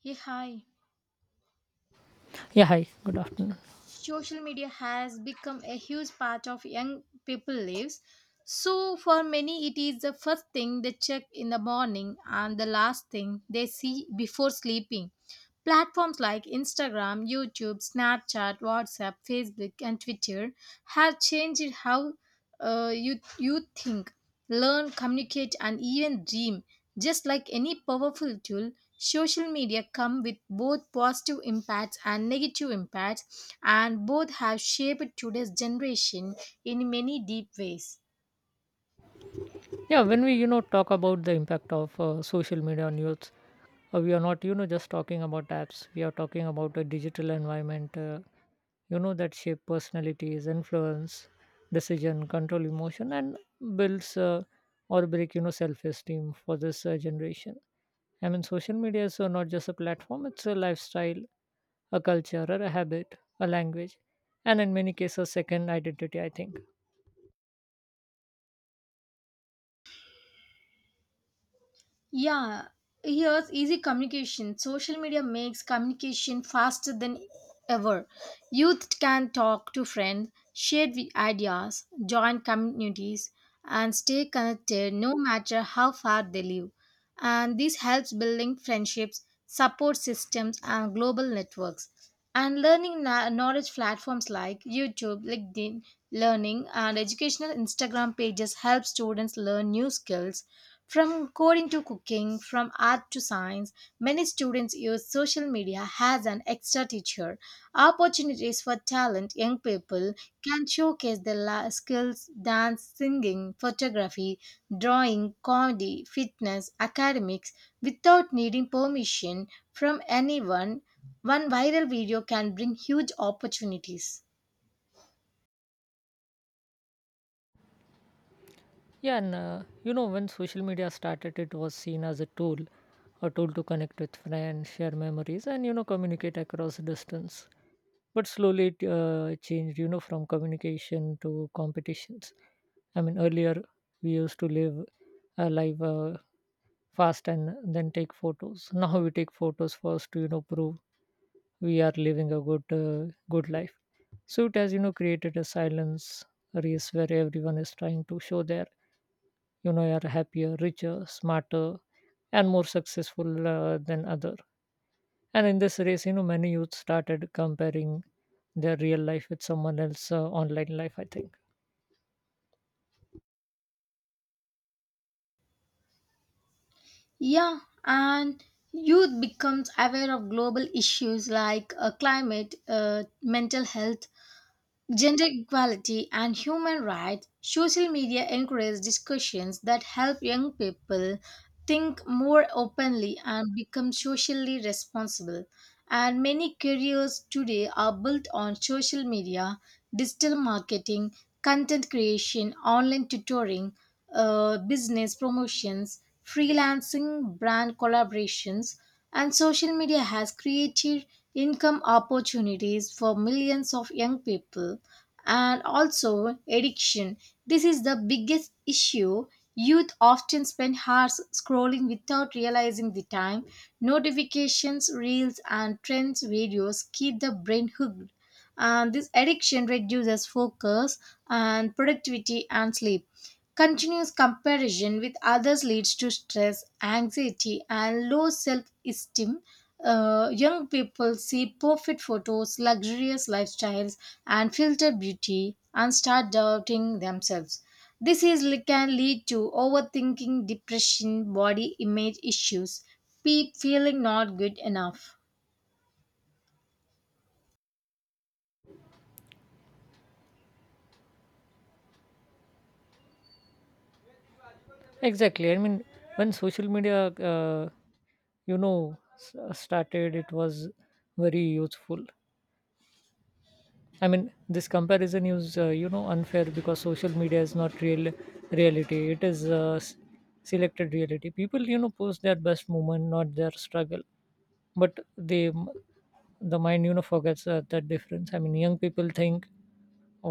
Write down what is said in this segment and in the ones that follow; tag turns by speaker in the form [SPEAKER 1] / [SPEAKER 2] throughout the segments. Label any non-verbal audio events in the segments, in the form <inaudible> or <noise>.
[SPEAKER 1] Yeah, hi.
[SPEAKER 2] Yeah, hi, good afternoon.
[SPEAKER 1] Social media has become a huge part of young people lives. So for many it is the first thing they check in the morning and the last thing they see before sleeping. Platforms like Instagram, YouTube, Snapchat, WhatsApp, Facebook and Twitter have changed how you think, learn, communicate and even dream, just like any powerful tool. Social media come with both positive impacts and negative impacts, and both have shaped today's generation in many deep ways.
[SPEAKER 2] Yeah, when we, talk about the impact of social media on youth, we are not, just talking about apps. We are talking about a digital environment, that shape personalities, influence, decision, control emotion, and builds or break, self-esteem for this generation. I mean, social media is not just a platform, it's a lifestyle, a culture, or a habit, a language, and in many cases, second identity, I think.
[SPEAKER 1] Yeah, here's easy communication. Social media makes communication faster than ever. Youth can talk to friends, share the ideas, join communities, and stay connected no matter how far they live. And this helps building friendships, support systems, and global networks. And learning, knowledge platforms like YouTube, LinkedIn, Learning, and educational Instagram pages help students learn new skills from coding to cooking, from art to science. Many students use social media as an extra teacher. Opportunities for talent, young people can showcase their skills, dance, singing, photography, drawing, comedy, fitness, academics, without needing permission from anyone. One viral video can bring huge opportunities.
[SPEAKER 2] Yeah, and when social media started, it was seen as a tool to connect with friends, share memories, and communicate across distance. But slowly it changed, from communication to competitions. I mean, earlier we used to live a life fast and then take photos. <laughs> Now we take photos first to, prove we are living a good life. So it has, created a silence race where everyone is trying to show their are happier, richer, smarter, and more successful than other. And in this race, many youth started comparing their real life with someone else online life, I think.
[SPEAKER 1] Yeah, and youth becomes aware of global issues like climate, mental health, gender equality, and human rights. Social media encourages discussions that help young people think more openly and become socially responsible. And many careers today are built on social media, digital marketing, content creation, online tutoring, business promotions, freelancing, brand collaborations, and social media has created income opportunities for millions of young people, and also addiction. This is the biggest issue. Youth often spend hours scrolling without realizing the time. Notifications, reels, and trends videos keep the brain hooked. And this addiction reduces focus and productivity and sleep. Continuous comparison with others leads to stress, anxiety, and low self esteem. Young people see perfect photos, luxurious lifestyles, and filtered beauty and start doubting themselves. This is, can lead to overthinking, depression, body image issues, feeling not good enough.
[SPEAKER 2] Exactly. I mean, when social media uh, you know s- uh, started it was very useful. I mean, this comparison is, unfair because social media is not real reality. It is selected reality. People, post their best moment, not their struggle. But they the mind, forgets that difference. I mean, young people think,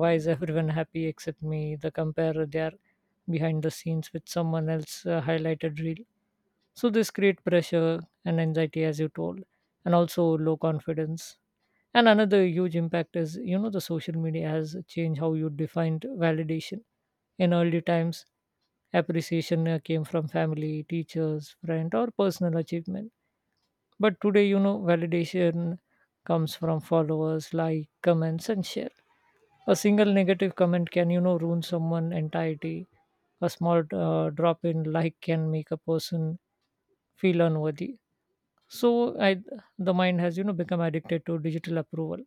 [SPEAKER 2] why is everyone happy except me? They compare their behind the scenes with someone else highlighted reel. So this create pressure and anxiety, as you told, and also low confidence. And another huge impact is, the social media has changed how you defined validation. In early times, appreciation came from family, teachers, friend, or personal achievement. But today, validation comes from followers, like, comments, and share. A single negative comment can, ruin someone' entirety. A small drop in like can make a person feel unworthy. So, I, the mind has, become addicted to digital approval.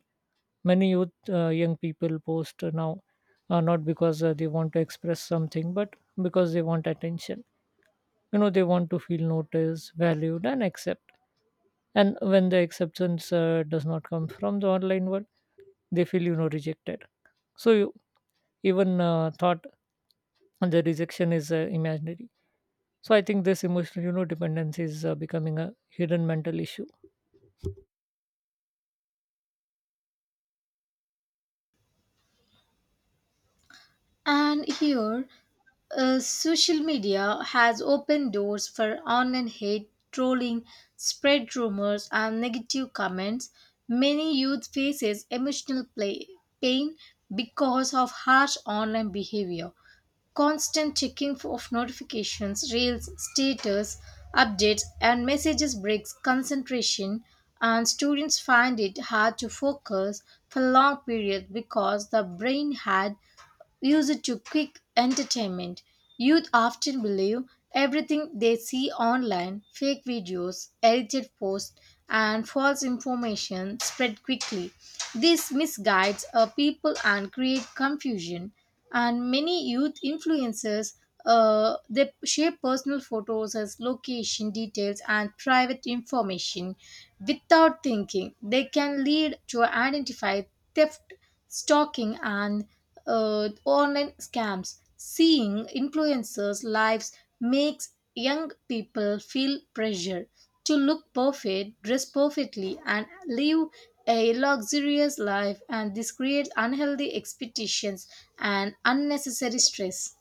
[SPEAKER 2] Many young people post now, not because they want to express something, but because they want attention. You know, they want to feel noticed, valued, and accepted. And when the acceptance does not come from the online world, they feel, rejected. So you, even thought the rejection is imaginary. So I think this emotional, dependence is becoming a hidden mental issue.
[SPEAKER 1] And here, social media has opened doors for online hate, trolling, spread rumors, and negative comments. Many youth faces emotional play, pain because of harsh online behavior. Constant checking of notifications, reels, status, updates, and messages breaks concentration, and students find it hard to focus for long periods because the brain had use it to quick entertainment. Youth often believe everything they see online, fake videos, edited posts, and false information spread quickly. This misguides people and create confusion. And many youth influencers they share personal photos as location details and private information without thinking. They can lead to identify theft, stalking, and online scams. Seeing influencers' lives makes young people feel pressure to look perfect, dress perfectly, and live a luxurious life, and this creates unhealthy expectations and unnecessary stress.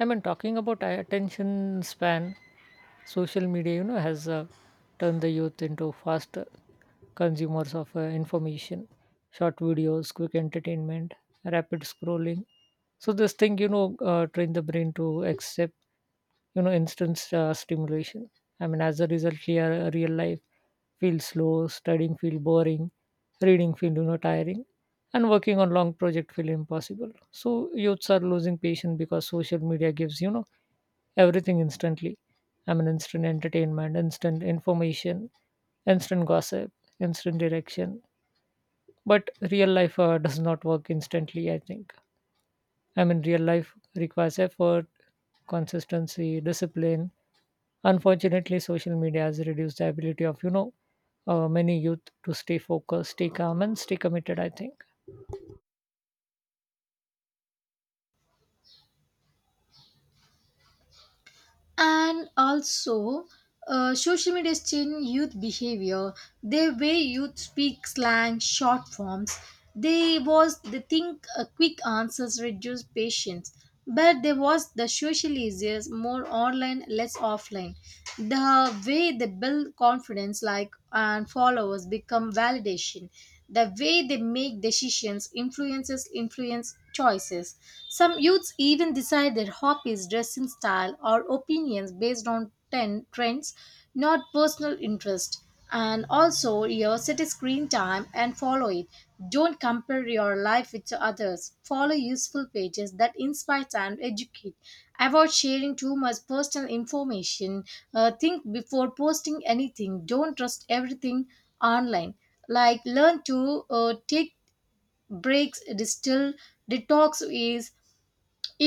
[SPEAKER 2] I mean, talking about attention span, social media, has turned the youth into fast consumers of information, short videos, quick entertainment, rapid scrolling. So this thing, train the brain to accept, instant stimulation. I mean, as a result, here real life feels slow, studying feel boring, reading feel, tiring, and working on long project feel impossible. So youths are losing patience because social media gives, everything instantly. I mean, instant entertainment, instant information, instant gossip, instant direction. But real life does not work instantly, I think. I mean, real life requires effort, consistency, discipline. Unfortunately, social media has reduced the ability of, many youth to stay focused, stay calm, and stay committed, I think.
[SPEAKER 1] And also, social media is changing youth behavior: the way youth speak, slang, short forms, they think, quick answers reduce patience. But there was, the social is more online, less offline, the way they build confidence, like and followers become validation, the way they make decisions, influence choices. Some youths even decide their hobbies, dressing style or opinions based on trends, not personal interest. And also, your set a screen time and follow it. Don't compare your life with others. Follow useful pages that inspire and educate. Avoid sharing too much personal information. Think before posting anything. Don't trust everything online. Like, learn to take breaks. Distill detox is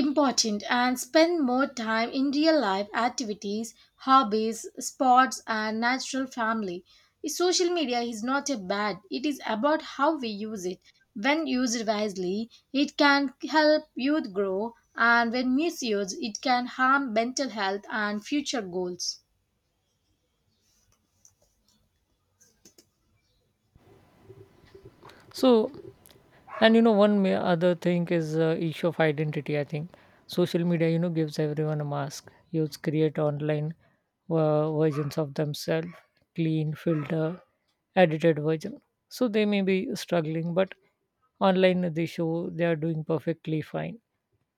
[SPEAKER 1] important, and spend more time in real life activities, hobbies, sports, and natural family. Social media is not a bad, it is about how we use it. When used wisely, it can help youth grow, and when misused, it can harm mental health and future goals.
[SPEAKER 2] So. And you know, one other thing is issue of identity, I think. Social media, gives everyone a mask. Youths create online versions of themselves, clean, filter, edited version. So they may be struggling, but online they show they are doing perfectly fine.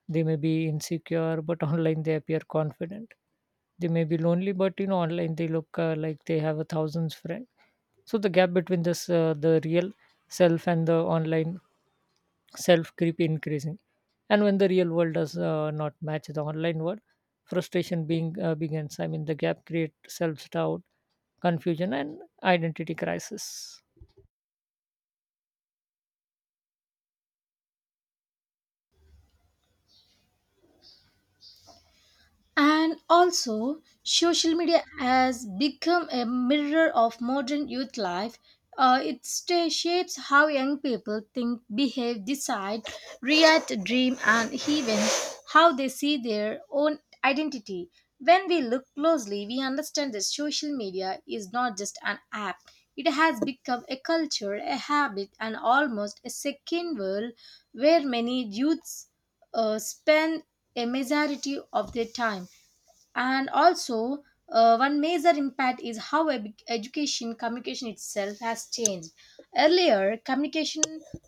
[SPEAKER 2] They may be insecure, but <laughs> online they appear confident. They may be lonely, but, online they look like they have a thousands friend. So the gap between this the real self and the online self creep increasing. And when the real world does not match the online world, frustration being begins. I mean, the gap creates self doubt, confusion, and identity crisis.
[SPEAKER 1] And also, social media has become a mirror of modern youth life. It shapes how young people think, behave, decide, react, dream, and even how they see their own identity. When we look closely, we understand that social media is not just an app. It has become a culture, a habit, and almost a second world where many youths spend a majority of their time. And also, one major impact is how education communication itself has changed. Earlier communication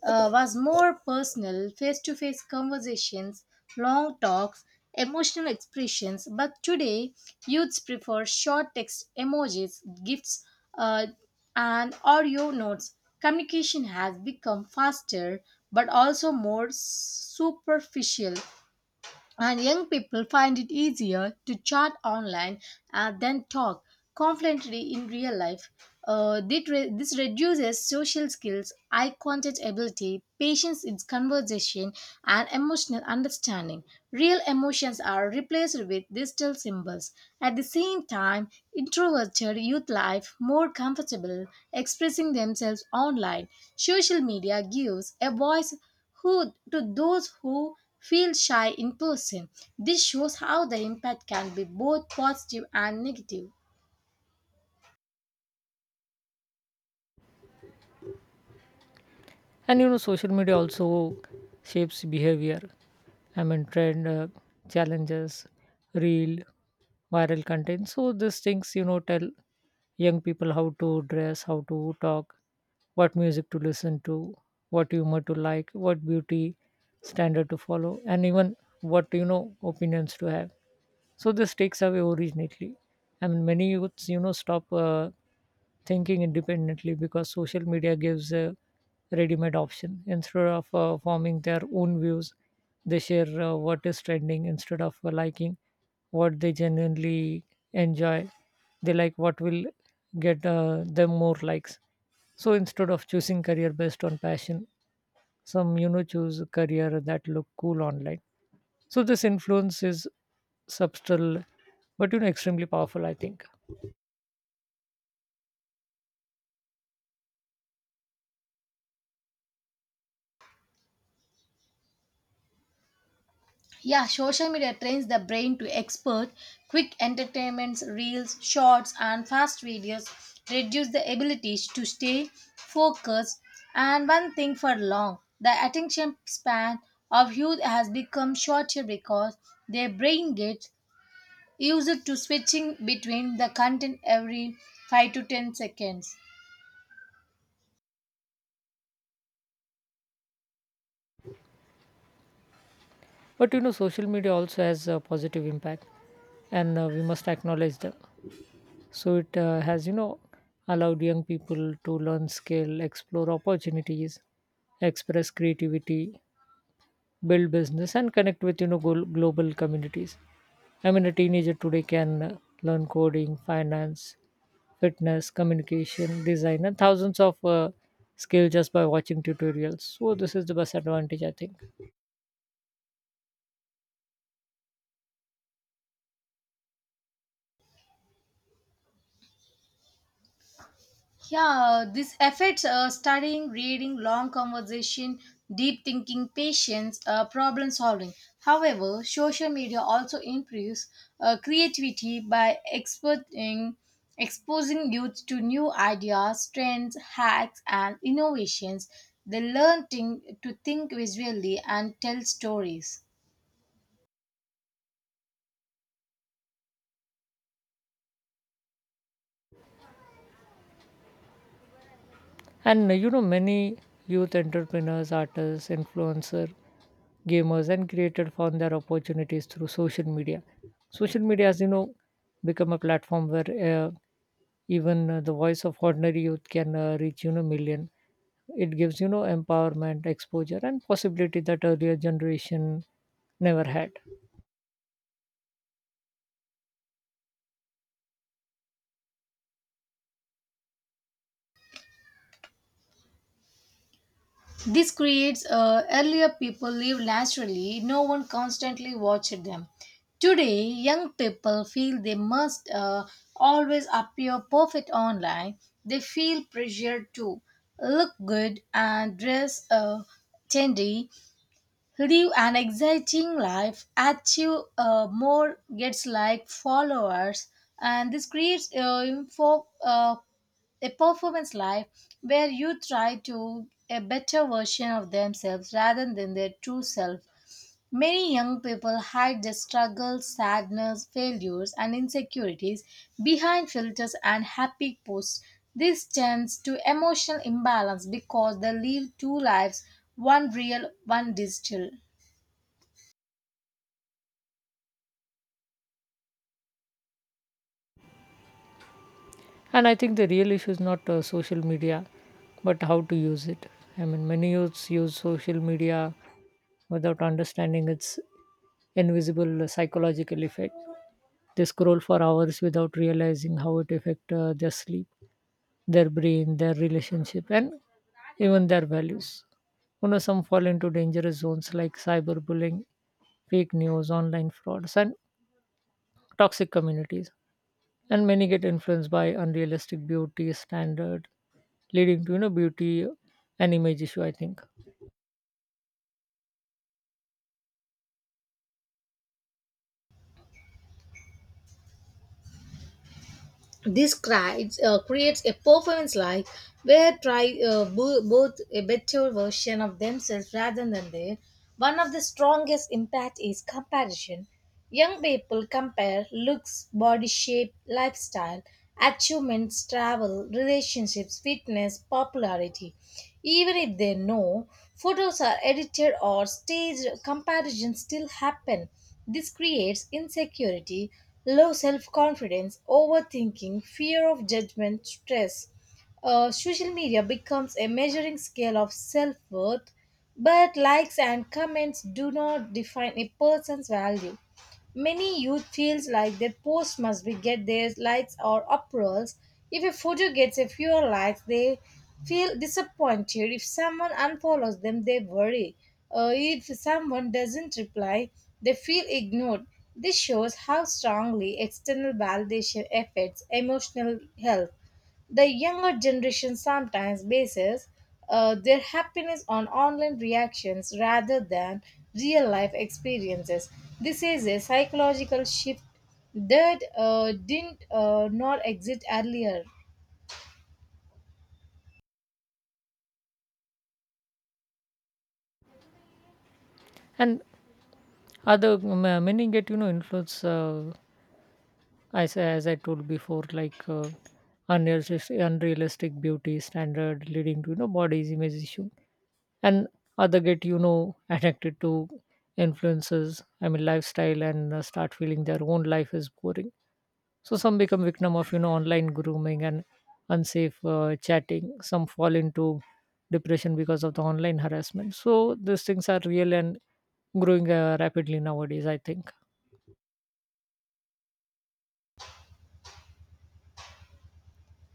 [SPEAKER 1] was more personal: face-to-face conversations, long talks, emotional expressions. But today, youths prefer short text, emojis, gifts, uh, and audio notes. Communication has become faster, but also more superficial, and young people find it easier to chat online and then talk confidently in real life. This reduces social skills, eye contact ability, patience in conversation, and emotional understanding. Real emotions are replaced with digital symbols. At the same time, introverted youth life more comfortable expressing themselves online. Social media gives a voice who to those who feel shy in person. This shows how the impact can be both positive and negative.
[SPEAKER 2] And you know, social media also shapes behavior. I mean, trend, challenges, real viral content. So these things, tell young people how to dress, how to talk, what music to listen to, what humor to like, what beauty standard to follow, and even what, opinions to have. So this takes away originality. I mean, many youths, stop thinking independently because social media gives a ready-made option. Instead of forming their own views, they share what is trending instead of liking what they genuinely enjoy. They like what will get them more likes. So instead of choosing career based on passion, some, choose a career that look cool online. So this influence is subtle, but, extremely powerful, I think.
[SPEAKER 1] Yeah, social media trains the brain to expert quick entertainments, reels, shorts, and fast videos reduce the abilities to stay focused and one thing for long. The attention span of youth has become shorter because their brain gets used to switching between the content every 5 to 10 seconds.
[SPEAKER 2] But, social media also has a positive impact, and we must acknowledge them. So it has allowed young people to learn skill, explore opportunities, express creativity, build business, and connect with, global communities. I mean, a teenager today can learn coding, finance, fitness, communication design, and thousands of skills just by watching tutorials. So this is the best advantage, I think.
[SPEAKER 1] Yeah, this affects studying, reading, long conversation, deep thinking, patience, problem solving. However, social media also improves creativity by exposing youth to new ideas, trends, hacks, and innovations. They learn thing, to think visually and tell stories.
[SPEAKER 2] And many youth entrepreneurs, artists, influencers, gamers, and creators found their opportunities through social media. Social media, as you know, become a platform where even the voice of ordinary youth can reach, million. It gives, empowerment, exposure, and possibility that earlier generation never had.
[SPEAKER 1] This creates, earlier people live naturally, no one constantly watched them. Today, young people feel they must always appear perfect online. They feel pressured to look good and dress trendy, live an exciting life, achieve more, gets like followers, and this creates a performance life where you try to a better version of themselves rather than their true self. Many young people hide their struggles, sadness, failures, and insecurities behind filters and happy posts. This tends to emotional imbalance because they live two lives, one real, one digital.
[SPEAKER 2] And I think the real issue is not social media, but how to use it. I mean, many youths use social media without understanding its invisible psychological effect. They scroll for hours without realizing how it affects their sleep, their brain, their relationship, and even their values. You know, some fall into dangerous zones like cyberbullying, fake news, online frauds, and toxic communities, and many get influenced by unrealistic beauty standard, leading to, beauty and image issue, I think.
[SPEAKER 1] This creates, creates a performance life where try both a better version of themselves rather than their. One of the strongest impact is comparison. Young people compare looks, body shape, lifestyle, achievements, travel, relationships, fitness, popularity. Even if they know photos are edited or staged, comparisons still happen. This creates insecurity, low self confidence, overthinking, fear of judgment, stress. Social media becomes a measuring scale of self worth, but likes and comments do not define a person's value. Many youth feels like their post must be get their likes or approvals. If a photo gets a few likes, they feel disappointed. If someone unfollows them, they worry. If someone doesn't reply, they feel ignored. This shows how strongly external validation affects emotional health. The younger generation sometimes bases their happiness on online reactions rather than real life experiences. This is a psychological shift that didn't not exist earlier.
[SPEAKER 2] And many get, influence as I told before, like, unrealistic beauty standard, leading to, body's image issue. And other get, <laughs> addicted to influences. I mean, lifestyle, and start feeling their own life is boring. So some become victim of, online grooming and unsafe chatting. Some fall into depression because of the online harassment. So these things are real and growing rapidly nowadays, I think.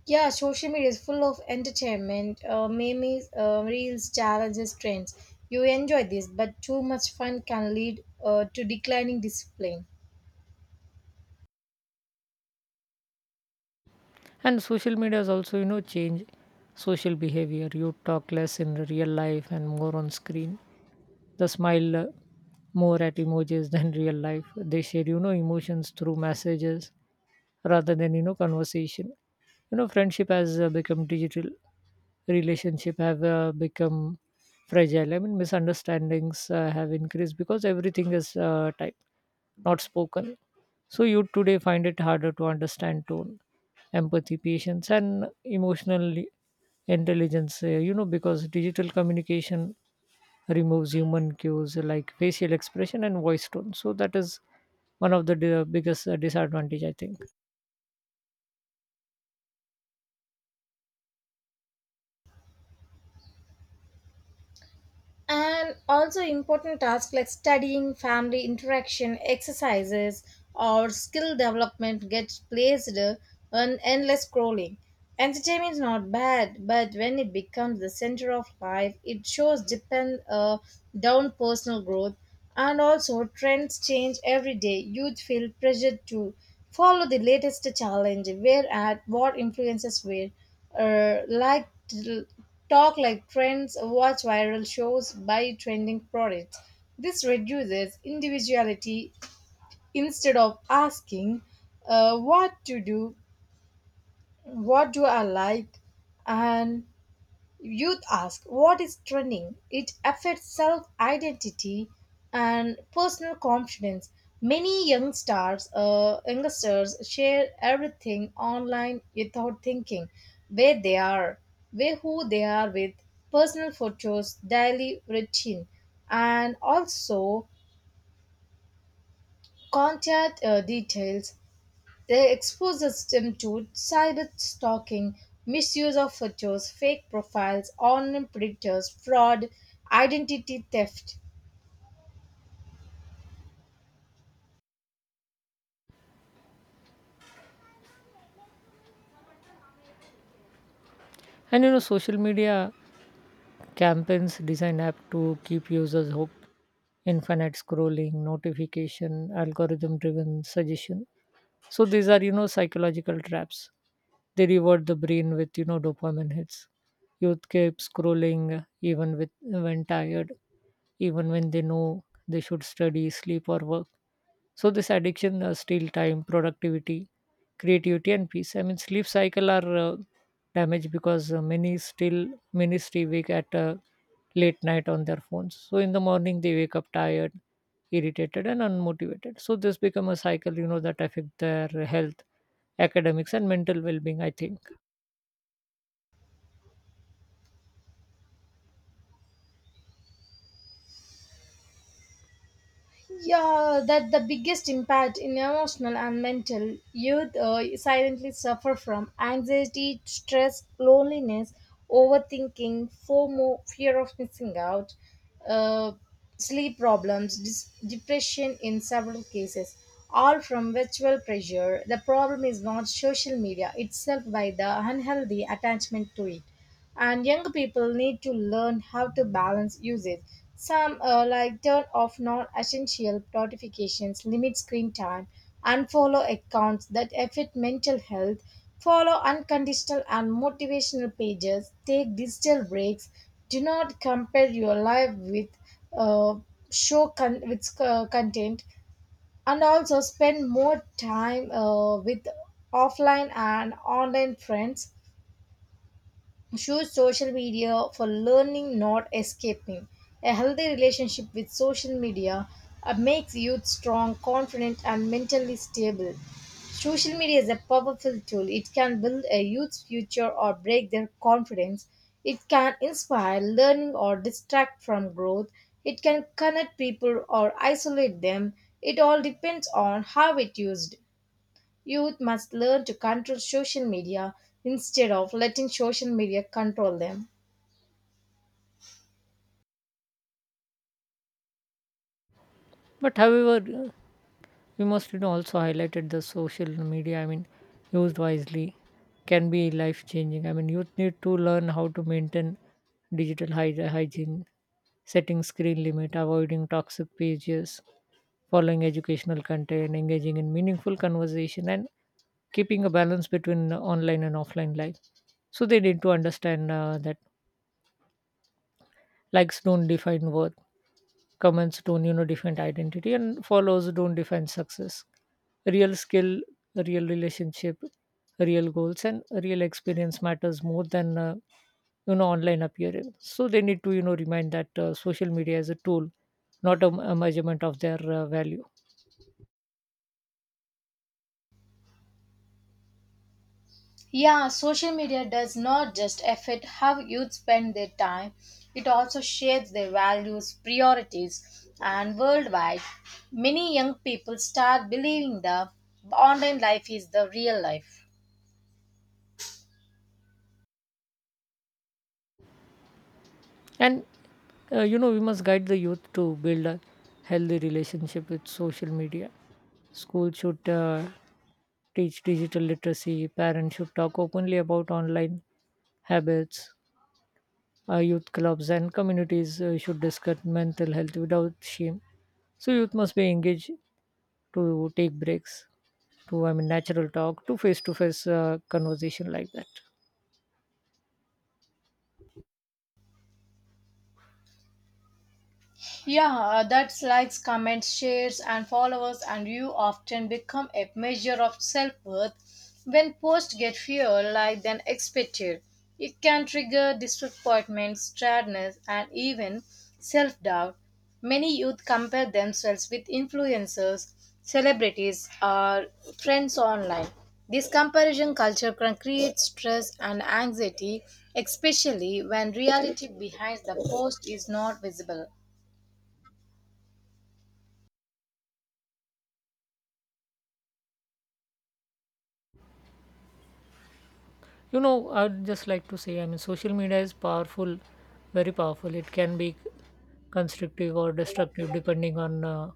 [SPEAKER 1] Yeah, social media is full of entertainment, memes, reels, challenges, trends. You enjoy this, but too much fun can lead to declining discipline.
[SPEAKER 2] And social media has also, changed social behavior. You talk less in real life and more on screen. The smile more at emojis <laughs> than real life. They share, emotions through messages rather than, conversation. You know, friendship has become digital. Relationship have become fragile. I mean, misunderstandings have increased because everything is typed, not spoken. So youth today find it harder to understand tone, empathy, patience, and emotional intelligence, you know, because digital communication removes human cues like facial expression and voice tone. So that is one of the biggest disadvantage, I think.
[SPEAKER 1] And also, important tasks like studying, family interaction, exercises, or skill development gets placed on endless scrolling. Entertainment is not bad, but when it becomes the center of life it shows depend down personal growth. And also, trends change every day. Youth feel pressured to follow the latest challenge, where at what influences where, like talk like trends, watch viral shows, buy trending products. This reduces individuality. Instead of asking, what to do, what do I like, and Youth ask what is trending. It affects self identity and personal confidence. Many youngsters share everything online without thinking where they are, where who they are with, personal photos, daily routine, and also contact details. They exposes them to sided stalking, misuse of photos, fake profiles, online predators, fraud, identity theft.
[SPEAKER 2] And you know, social media campaigns design app to keep users hooked. Infinite scrolling, notification, algorithm driven suggestion. So these are, psychological traps. They reward the brain with, dopamine hits. Youth keep scrolling even with when tired, even when they know they should study, sleep, or work. So this addiction steal time, productivity, creativity, and peace. I mean, sleep cycle are damaged because many stay awake at late night on their phones. So in the morning they wake up tired, irritated, and unmotivated. So this become a cycle, that affect their health, academics, and mental well-being, I think.
[SPEAKER 1] Yeah, that the biggest impact in emotional and mental youth silently suffer from anxiety, stress, loneliness, overthinking, FOMO, fear of missing out, uh, sleep problems, depression in several cases, all from virtual pressure. The problem is not social media itself, by the unhealthy attachment to it, and young people need to learn how to balance usage. Some like turn off non-essential notifications, limit screen time, and follow accounts that affect mental health. Follow unconditional and motivational pages. Take digital breaks. Do not compare your life with uh, with content, and also spend more time with offline and online friends. Choose social media for learning, not escaping. A healthy relationship with social media makes youth strong, confident, and mentally stable. Social media is a powerful tool. It can build a youth's future or break their confidence. It can inspire learning or distract from growth. It can connect people or isolate them. It all depends on how it used. Youth must learn to control social media instead of letting social media control them.
[SPEAKER 2] But however, we must, also highlighted the social media. I mean, used wisely can be life changing. I mean, youth need to learn how to maintain digital hygiene, setting screen limit, avoiding toxic pages, following educational content, engaging in meaningful conversation, and keeping a balance between online and offline life. So they need to understand that likes don't define worth, comments don't, define identity, and follows don't define success. Real skill, real relationship, real goals, and real experience matters more than, online appearance. So they need to, remind that social media is a tool, not a measurement of their value.
[SPEAKER 1] Yeah, social media does not just affect how youth spend their time, it also shapes their values, priorities, and worldwide. Many young people start believing the online life is the real life.
[SPEAKER 2] And we must guide the youth to build a healthy relationship with social media. School should teach digital literacy. Parents should talk openly about online habits. Youth clubs and communities should discuss mental health without shame. So youth must be engaged to take breaks, to, I mean, natural talk, to face conversation, like that.
[SPEAKER 1] Yeah, that's likes, comments, shares, and followers, and you often become a measure of self worth. When posts get fewer like than expected, it can trigger disappointment, sadness, and even self doubt. Many youth compare themselves with influencers, celebrities, or friends online. This comparison culture can create stress and anxiety, especially when reality behind the post is not visible.
[SPEAKER 2] You know, I'd just like to say, I mean, social media is powerful, very powerful. It can be constructive or destructive depending on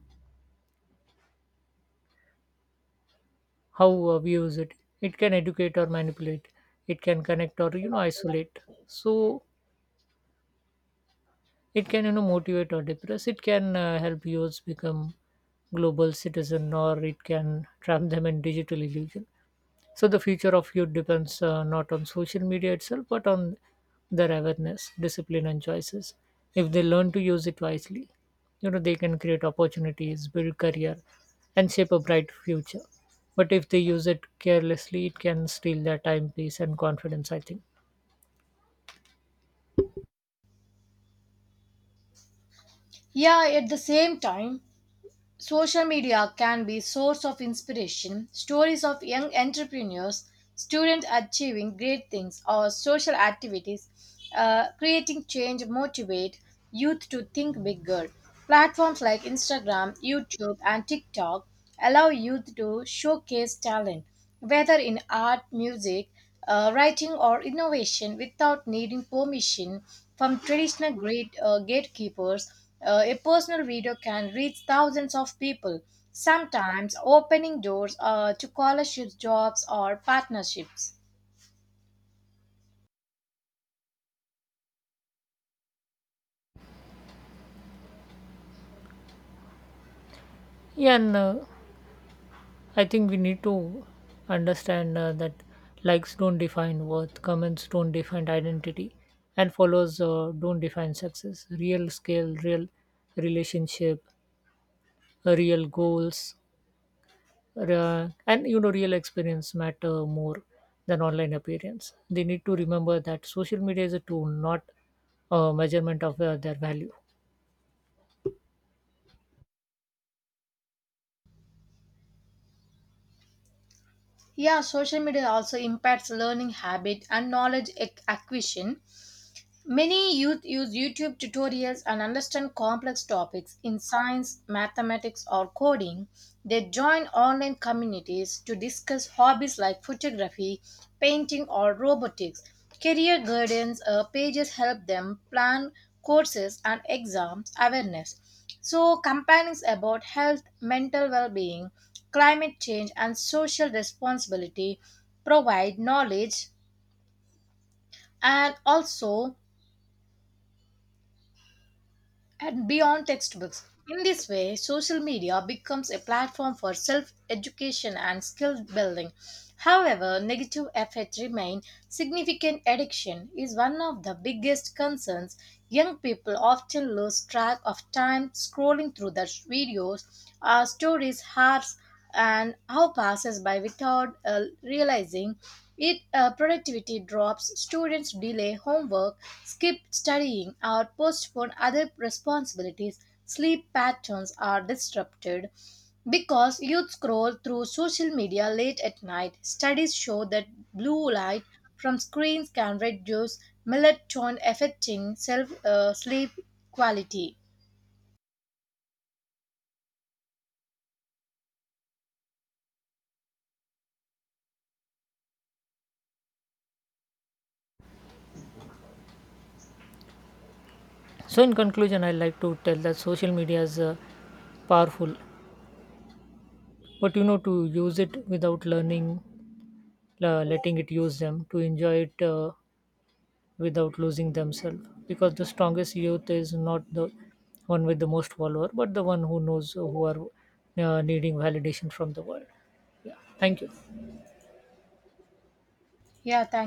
[SPEAKER 2] how we use it. It can educate or manipulate. It can connect or, isolate. So it can, motivate or depress. It can help youths become global citizen, or it can trap them in digital illusion. So the future of youth depends not on social media itself, but on their awareness, discipline, and choices. If they learn to use it wisely, they can create opportunities, build career, and shape a bright future. But if they use it carelessly, it can steal their time, peace, and confidence, I think.
[SPEAKER 1] Yeah, at the same time, social media can be source of inspiration. Stories of young entrepreneurs, students achieving great things, or social activities creating change motivate youth to think bigger. Platforms like Instagram, YouTube, and TikTok allow youth to showcase talent, whether in art, music, writing or innovation without needing permission from gatekeepers. A personal video can reach thousands of people, sometimes opening doors to scholarships, jobs, or partnerships.
[SPEAKER 2] Yeah, and I think we need to understand that likes don't define worth, comments don't define identity, and follows don't define success. Real scale, real relationship, real goals, real experience matter more than online appearance. They need to remember that social media is a tool, not a measurement of their value.
[SPEAKER 1] Yeah, social media also impacts learning habit and knowledge acquisition. Many youth use YouTube tutorials and understand complex topics in science, mathematics, or coding. They join online communities to discuss hobbies like photography, painting, or robotics. Career guidance pages help them plan courses and exams awareness. So, companions about health, mental well being, climate change, and social responsibility provide knowledge and also and beyond textbooks. In this way, social media becomes a platform for self education and skill building. However, negative effects remain. Significant addiction is one of the biggest concerns. Young people often lose track of time scrolling through the videos or stories hours, and how passes by without realizing it. Productivity drops, students delay homework, skip studying or postpone other responsibilities. Sleep patterns are disrupted because youth scroll through social media late at night. Studies show that blue light from screens can reduce melatonin, affecting self sleep quality.
[SPEAKER 2] So, in conclusion, I like to tell that social media is powerful, but, to use it without learning letting it use them to enjoy it without losing themselves. Because the strongest youth is not the one with the most follower, but the one who knows who are needing validation from the world. Yeah, thank you.
[SPEAKER 1] Yeah, thank